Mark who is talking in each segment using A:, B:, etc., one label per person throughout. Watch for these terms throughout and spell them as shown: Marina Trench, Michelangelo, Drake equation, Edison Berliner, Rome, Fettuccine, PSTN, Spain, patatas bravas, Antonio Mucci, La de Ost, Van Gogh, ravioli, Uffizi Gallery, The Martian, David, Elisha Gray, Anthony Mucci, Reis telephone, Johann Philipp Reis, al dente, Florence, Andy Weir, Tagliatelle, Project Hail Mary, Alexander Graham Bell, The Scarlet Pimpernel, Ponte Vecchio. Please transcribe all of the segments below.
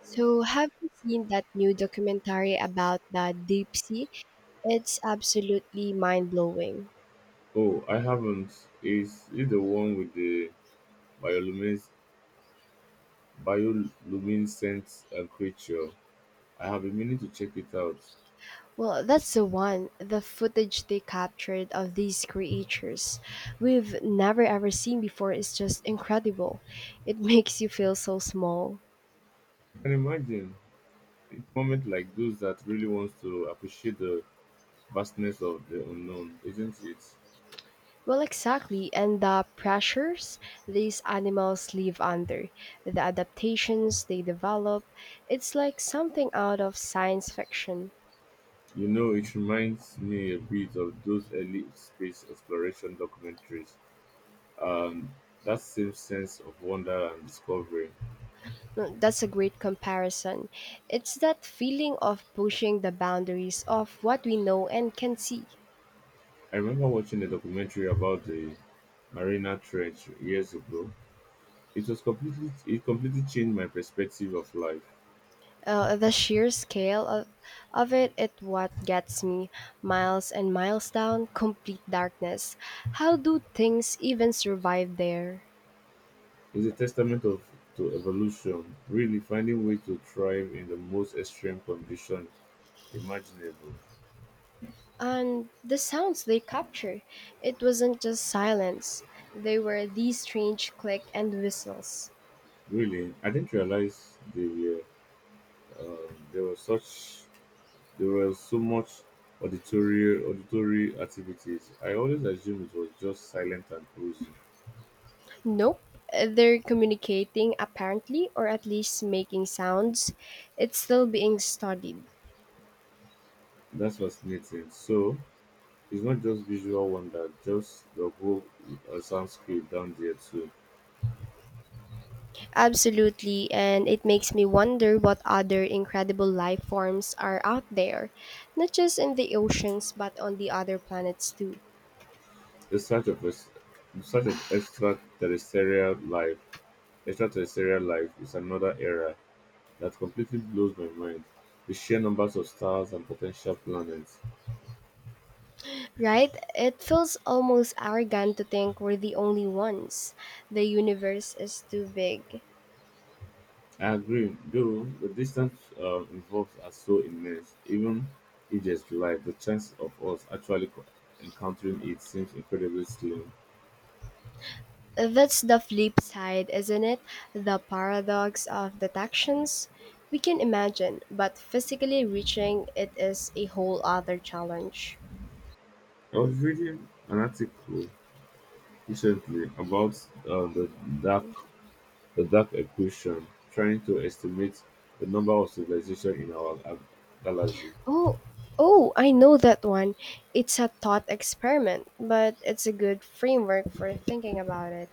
A: So, have you seen that new documentary about the deep sea? It's absolutely mind blowing.
B: Oh, I haven't. Is it the one with the biolumines- bioluminescent creature? I have been meaning to check it out.
A: Well, that's the one, the footage they captured of these creatures we've never ever seen before is just incredible. It makes you feel so small.
B: I can imagine it's moment like those that really wants to appreciate the vastness of the unknown, isn't it?
A: Well, exactly, and the pressures these animals live under, the adaptations they develop, it's like something out of science fiction.
B: It reminds me a bit of those early space exploration documentaries. Um, that same sense of wonder and discovery.
A: Mm, that's a great comparison. It's that feeling of pushing the boundaries of what we know and can see.
B: I remember watching a documentary about the Marina Trench years ago. It was completely changed my perspective of life.
A: The sheer scale of it is what gets me. Miles and miles down, complete darkness. How do things even survive there?
B: It's a testament of to evolution, really finding way to thrive in the most extreme condition imaginable.
A: And the sounds they capture, it wasn't just silence. They were these strange click and whistles.
B: Really, I didn't realize they were um, there was such there was so much auditory activities. I always assumed it was just silent and cozy.
A: Nope. They're communicating, apparently, or at least making sounds. It's still being studied.
B: That's fascinating. So it's not just visual wonder, just the whole soundscape down there too.
A: Absolutely, and it makes me wonder what other incredible life forms are out there, not just in the oceans, but on the other planets too.
B: The search of ex- the search of extraterrestrial life is another area that completely blows my mind the sheer numbers of stars and potential planets.
A: Right? It feels almost arrogant to think we're the only ones. The universe is too big.
B: I agree, though the distance involved are so immense, even if there's life, the chance of us actually encountering it seems incredibly slim.
A: That's the flip side, isn't it? The paradox of detections. We can imagine, but physically reaching it is a whole other challenge.
B: I was reading an article recently about uh, the dark The dark equation, trying to estimate the number of civilizations in our galaxy.
A: Oh, oh, I know that one. It's a thought experiment, but it's a good framework for thinking about it.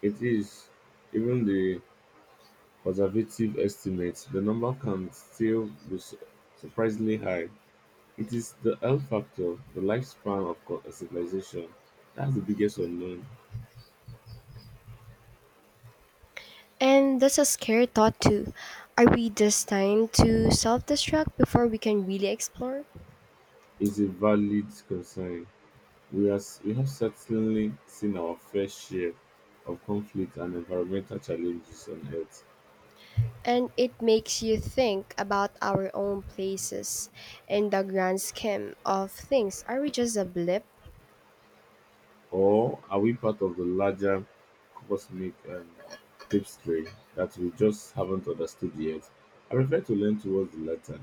B: It is, even the conservative estimates, the number can still be surprisingly high. It is the L factor, the lifespan of a civilization. That's the biggest unknown.
A: And that's a scary thought, too. Are we destined to self destruct before we can really explore?
B: Is a valid concern. We have certainly seen our fair share of conflict and environmental challenges on Earth.
A: And it makes you think about our own places in the grand scheme of things. Are we just a blip?
B: Or are we part of the larger cosmic tapestry that we just haven't understood yet? I prefer to lean towards the latter.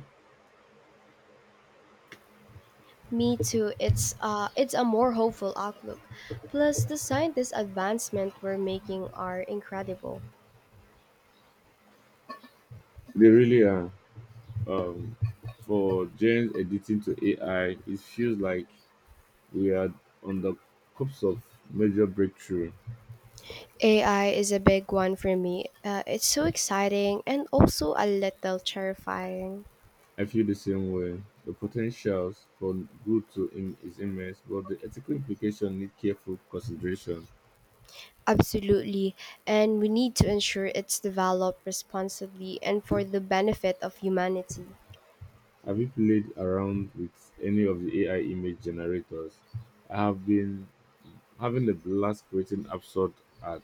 A: Me too. It's a more hopeful outlook. Plus the scientist advancement we're making are incredible.
B: They really are. Um, for Jane's editing to AI, it feels like we are on the cusp of major breakthrough.
A: AI is a big one for me. It's so exciting and also a little terrifying.
B: I feel the same way. The potentials for good to him is immense, but the ethical implication need careful consideration.
A: Absolutely. And we need to ensure it's developed responsibly and for the benefit of humanity.
B: Have you played around with any of the AI image generators? I have been having a blast creating absurd art.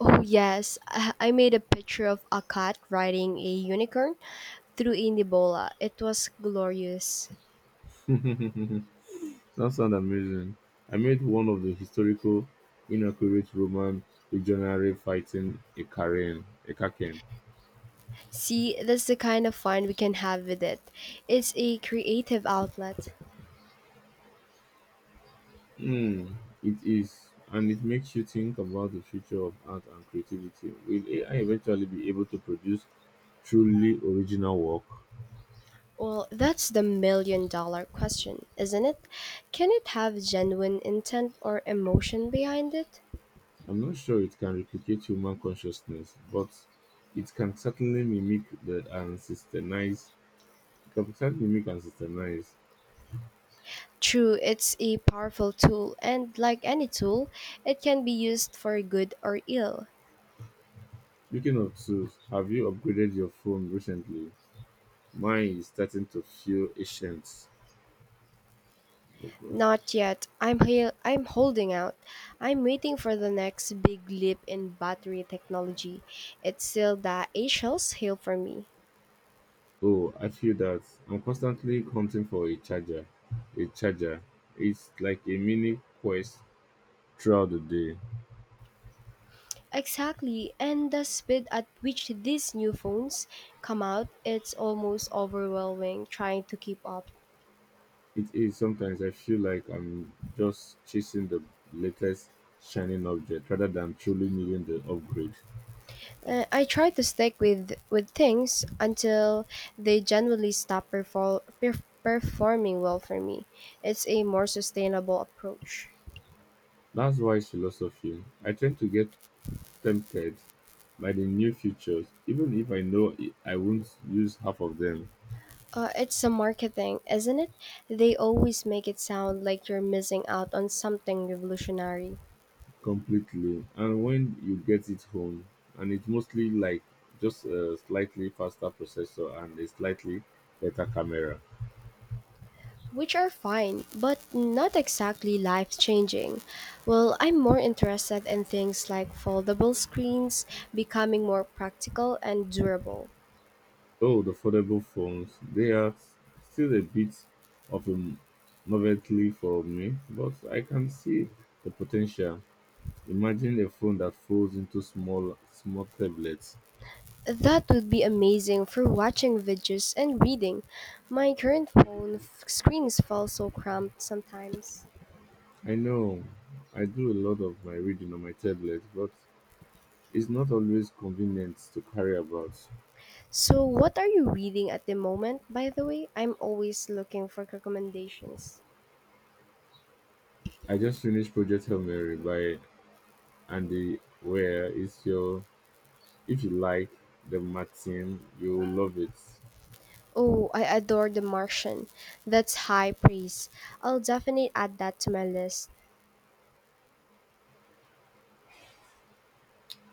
A: Oh, yes. I made a picture of a cat riding a unicorn through a Nibola. It was glorious.
B: That sounds amazing. I made one of the historical, inaccurate Roman legionary fighting a Karen, a Kaken.
A: See, that's the kind of fun we can have with it. It's a creative outlet.
B: Mm, it is, and it makes you think about the future of art and creativity. Will AI eventually be able to produce truly original work?
A: Well, that's the million dollar question, isn't it? Can it have genuine intent or emotion behind it?
B: I'm not sure it can replicate human consciousness, but it can certainly mimic the and systemize. It can certainly mimic and systemize.
A: True, it's a powerful tool, and like any tool, it can be used for good or ill.
B: Speaking of tools, have you upgraded your phone recently? Mine is starting to feel ancient. Oh, God.
A: Not yet. I'm holding out. I'm waiting for the next big leap in battery technology. It's still the Asial's hail for me.
B: Oh, I feel that I'm constantly hunting for a charger. It's like a mini quest throughout the day.
A: Exactly, and the speed at which these new phones come out, it's almost overwhelming trying to keep up.
B: It is sometimes I feel like I'm just chasing the latest shining object rather than truly needing the upgrade.
A: I try to stick with things until they generally stop performing well for me. It's a more sustainable approach.
B: That's why philosophy. I tend to get tempted by the new features, even if I know I won't use half of them
A: It's a marketing, isn't it? They always make it sound like you're missing out on something revolutionary,
B: completely. And when you get it home, and it's mostly like just a slightly faster processor and a slightly better camera.
A: which are fine, but not exactly life changing. Well, I'm more interested in things like foldable screens becoming more practical and durable.
B: Oh, the foldable phones, they're still a bit of a novelty for me, but I can see the potential. Imagine a phone that folds into small, small tablets.
A: That would be amazing for watching videos and reading. My current screens fall so cramped sometimes.
B: I know I do a lot of my reading on my tablet, but it's not always convenient to carry about.
A: So, what are you reading at the moment, by the way? I'm always looking for recommendations.
B: I just finished Project Hail Mary by Andy Where is your if you like the Martin, you'll love it.
A: Oh, I adore The Martian. That's high praise. I'll definitely add that to my list.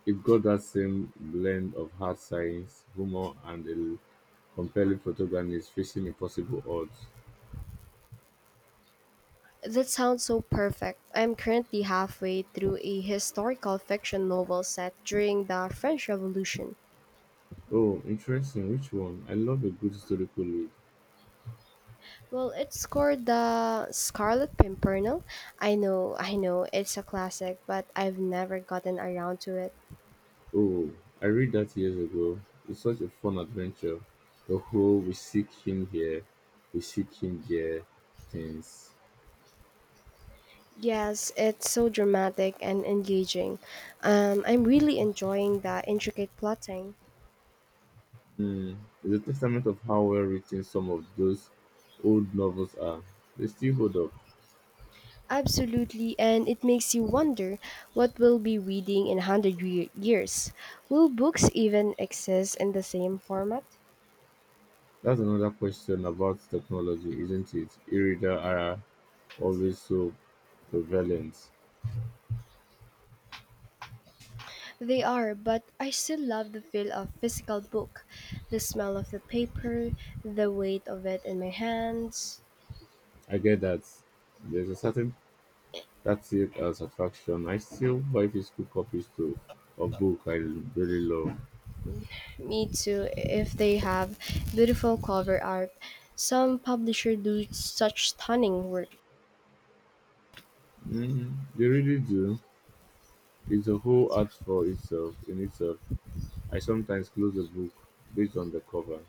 B: It got that same blend of hard science, humor, and a compelling protagonist facing impossible odds.
A: That sounds so perfect. I'm currently halfway through a historical fiction novel set during the French Revolution.
B: Oh, interesting. Which one? I love a good historical lead.
A: Well, it's called The Scarlet Pimpernel. I know, it's a classic, but I've never gotten around to it.
B: Oh, I read that years ago. It's such a fun adventure. The whole we seek him here, we seek him there things.
A: Yes, it's so dramatic and engaging. I'm really enjoying the intricate plotting.
B: Hmm. It's a testament of how well written some of those old novels are. They still hold up.
A: Absolutely, and it makes you wonder what we'll be reading in years. Will books even exist in the same format?
B: That's another question about technology, isn't it? E-reader era always so prevalent.
A: They are, but I still love the feel of physical book. The smell of the paper, the weight of it in my hands.
B: I get that there's a certain that it and satisfaction. I still buy physical copies to a book I really love.
A: Me too, if they have beautiful cover art. Some publisher do such stunning work.
B: Mm, they really do. It's a whole art for itself in itself. I sometimes close a book based on the cover.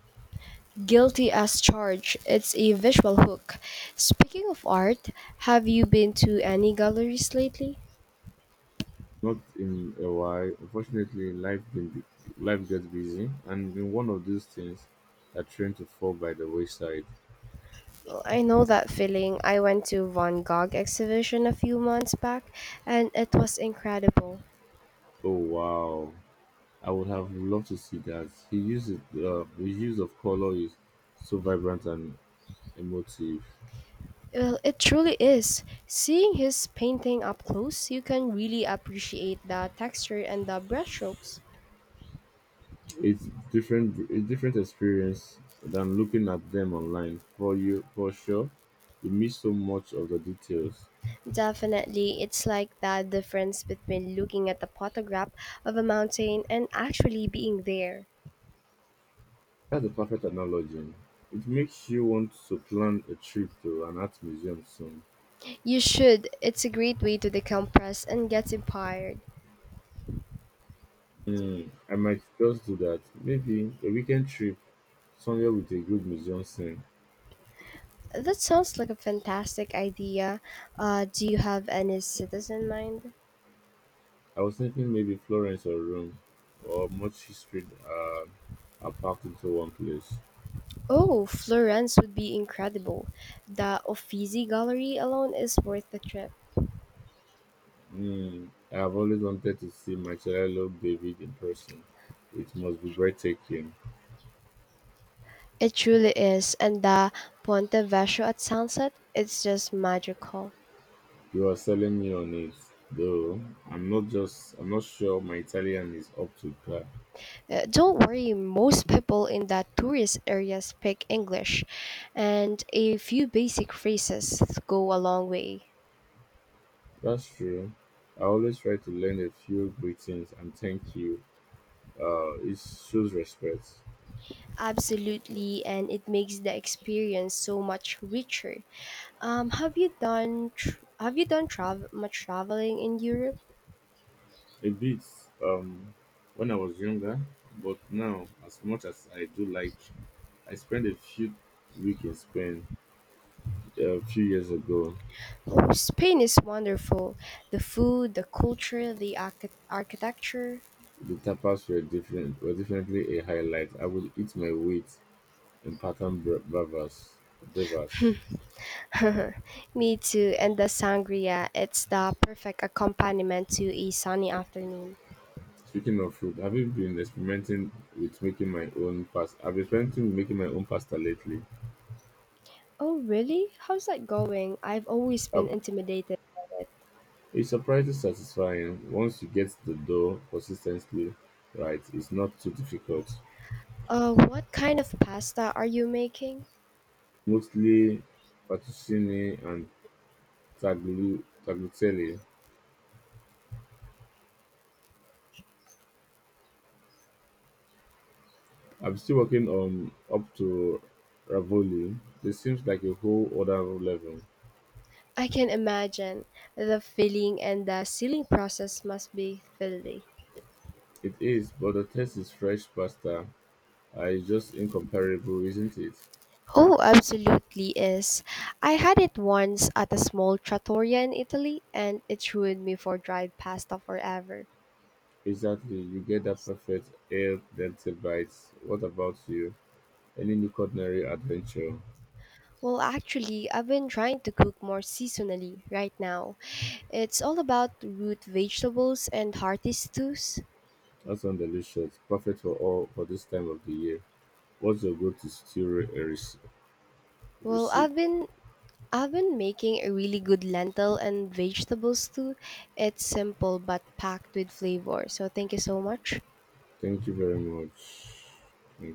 A: Guilty as charged. It's a visual hook. Speaking of art, have you been to any galleries lately?
B: Not in a while. Unfortunately, life gets busy, and in one of those things, I train to fall by the wayside.
A: Well, I know that feeling. I went to Van Gogh exhibition a few months back and it was incredible.
B: Oh wow! I would have loved to see that. He used it, his use of color is so vibrant and emotive.
A: Well, it truly is. Seeing his painting up close, you can really appreciate the texture and the brushstrokes.
B: It's different, a different experience than looking at them online. For you, for sure, you miss so much of the details.
A: Definitely, it's like that difference between looking at a photograph of a mountain and actually being there.
B: That's a perfect analogy. It makes you want to plan a trip to an art museum soon.
A: You should. It's a great way to decompress and get inspired.
B: Hmm, I might just do that. Maybe a weekend trip somewhere with a good museum scene.
A: That sounds like a fantastic idea. Do you have any cities in mind?
B: I was thinking maybe Florence or Rome, or much history are packed into one place.
A: Oh, Florence would be incredible. The Uffizi Gallery alone is worth the trip.
B: Hmm, I have always wanted to see Michelangelo David in person. It must be breathtaking.
A: It truly is, and the Ponte Vecchio at sunset, it's just magical.
B: You are selling me on it, though. I'm not just. I'm not sure my Italian is up to par.
A: Don't worry, most people in the tourist areas speak English, and a few basic phrases go a long way.
B: That's true. I always try to learn a few greetings and thank you. It shows respect.
A: Absolutely, and it makes the experience so much richer. Have you have you done travel much traveling in Europe?
B: A bit um, when I was younger, but now, as much as I do like, I spent a few week in Spain a few years ago.
A: Oh, Spain is wonderful. The food, the culture, the architecture.
B: The tapas were different, were definitely a highlight. I would eat my weight in pattern bra- bravas. Bravas.
A: Me too, and the sangria. It's the perfect accompaniment to a sunny afternoon.
B: Speaking of food, have you been experimenting with making my own pasta? I've been experimenting with making my own pasta lately.
A: Oh, really? How's that going? I've always been
B: I've,
A: intimidated by it.
B: it's surprisingly satisfying once you get the dough consistently right. It's not too difficult.
A: What kind of pasta are you making?
B: Mostly Fettuccine and Tagliatelle. I'm still working on up to ravioli. This seems like a whole other level.
A: I can imagine the filling and the sealing process must be filthy.
B: It is, but the taste is fresh pasta. It's just incomparable, isn't it?
A: Oh, absolutely is. I had it once at a small trattoria in Italy and it ruined me for dried pasta forever.
B: Exactly. You get that perfect air dente bite. What about you? Any new culinary adventure?
A: Well, actually, I've been trying to cook more seasonally right now. It's all about root vegetables and hearty stews.
B: That sounds delicious. Perfect for all for this time of the year. What's your go-to stew re- rec-
A: Well,
B: recipe?
A: I've been making a really good lentil and vegetable stew. It's simple but packed with flavor. So, thank you so much.
B: Thank you very much. Thank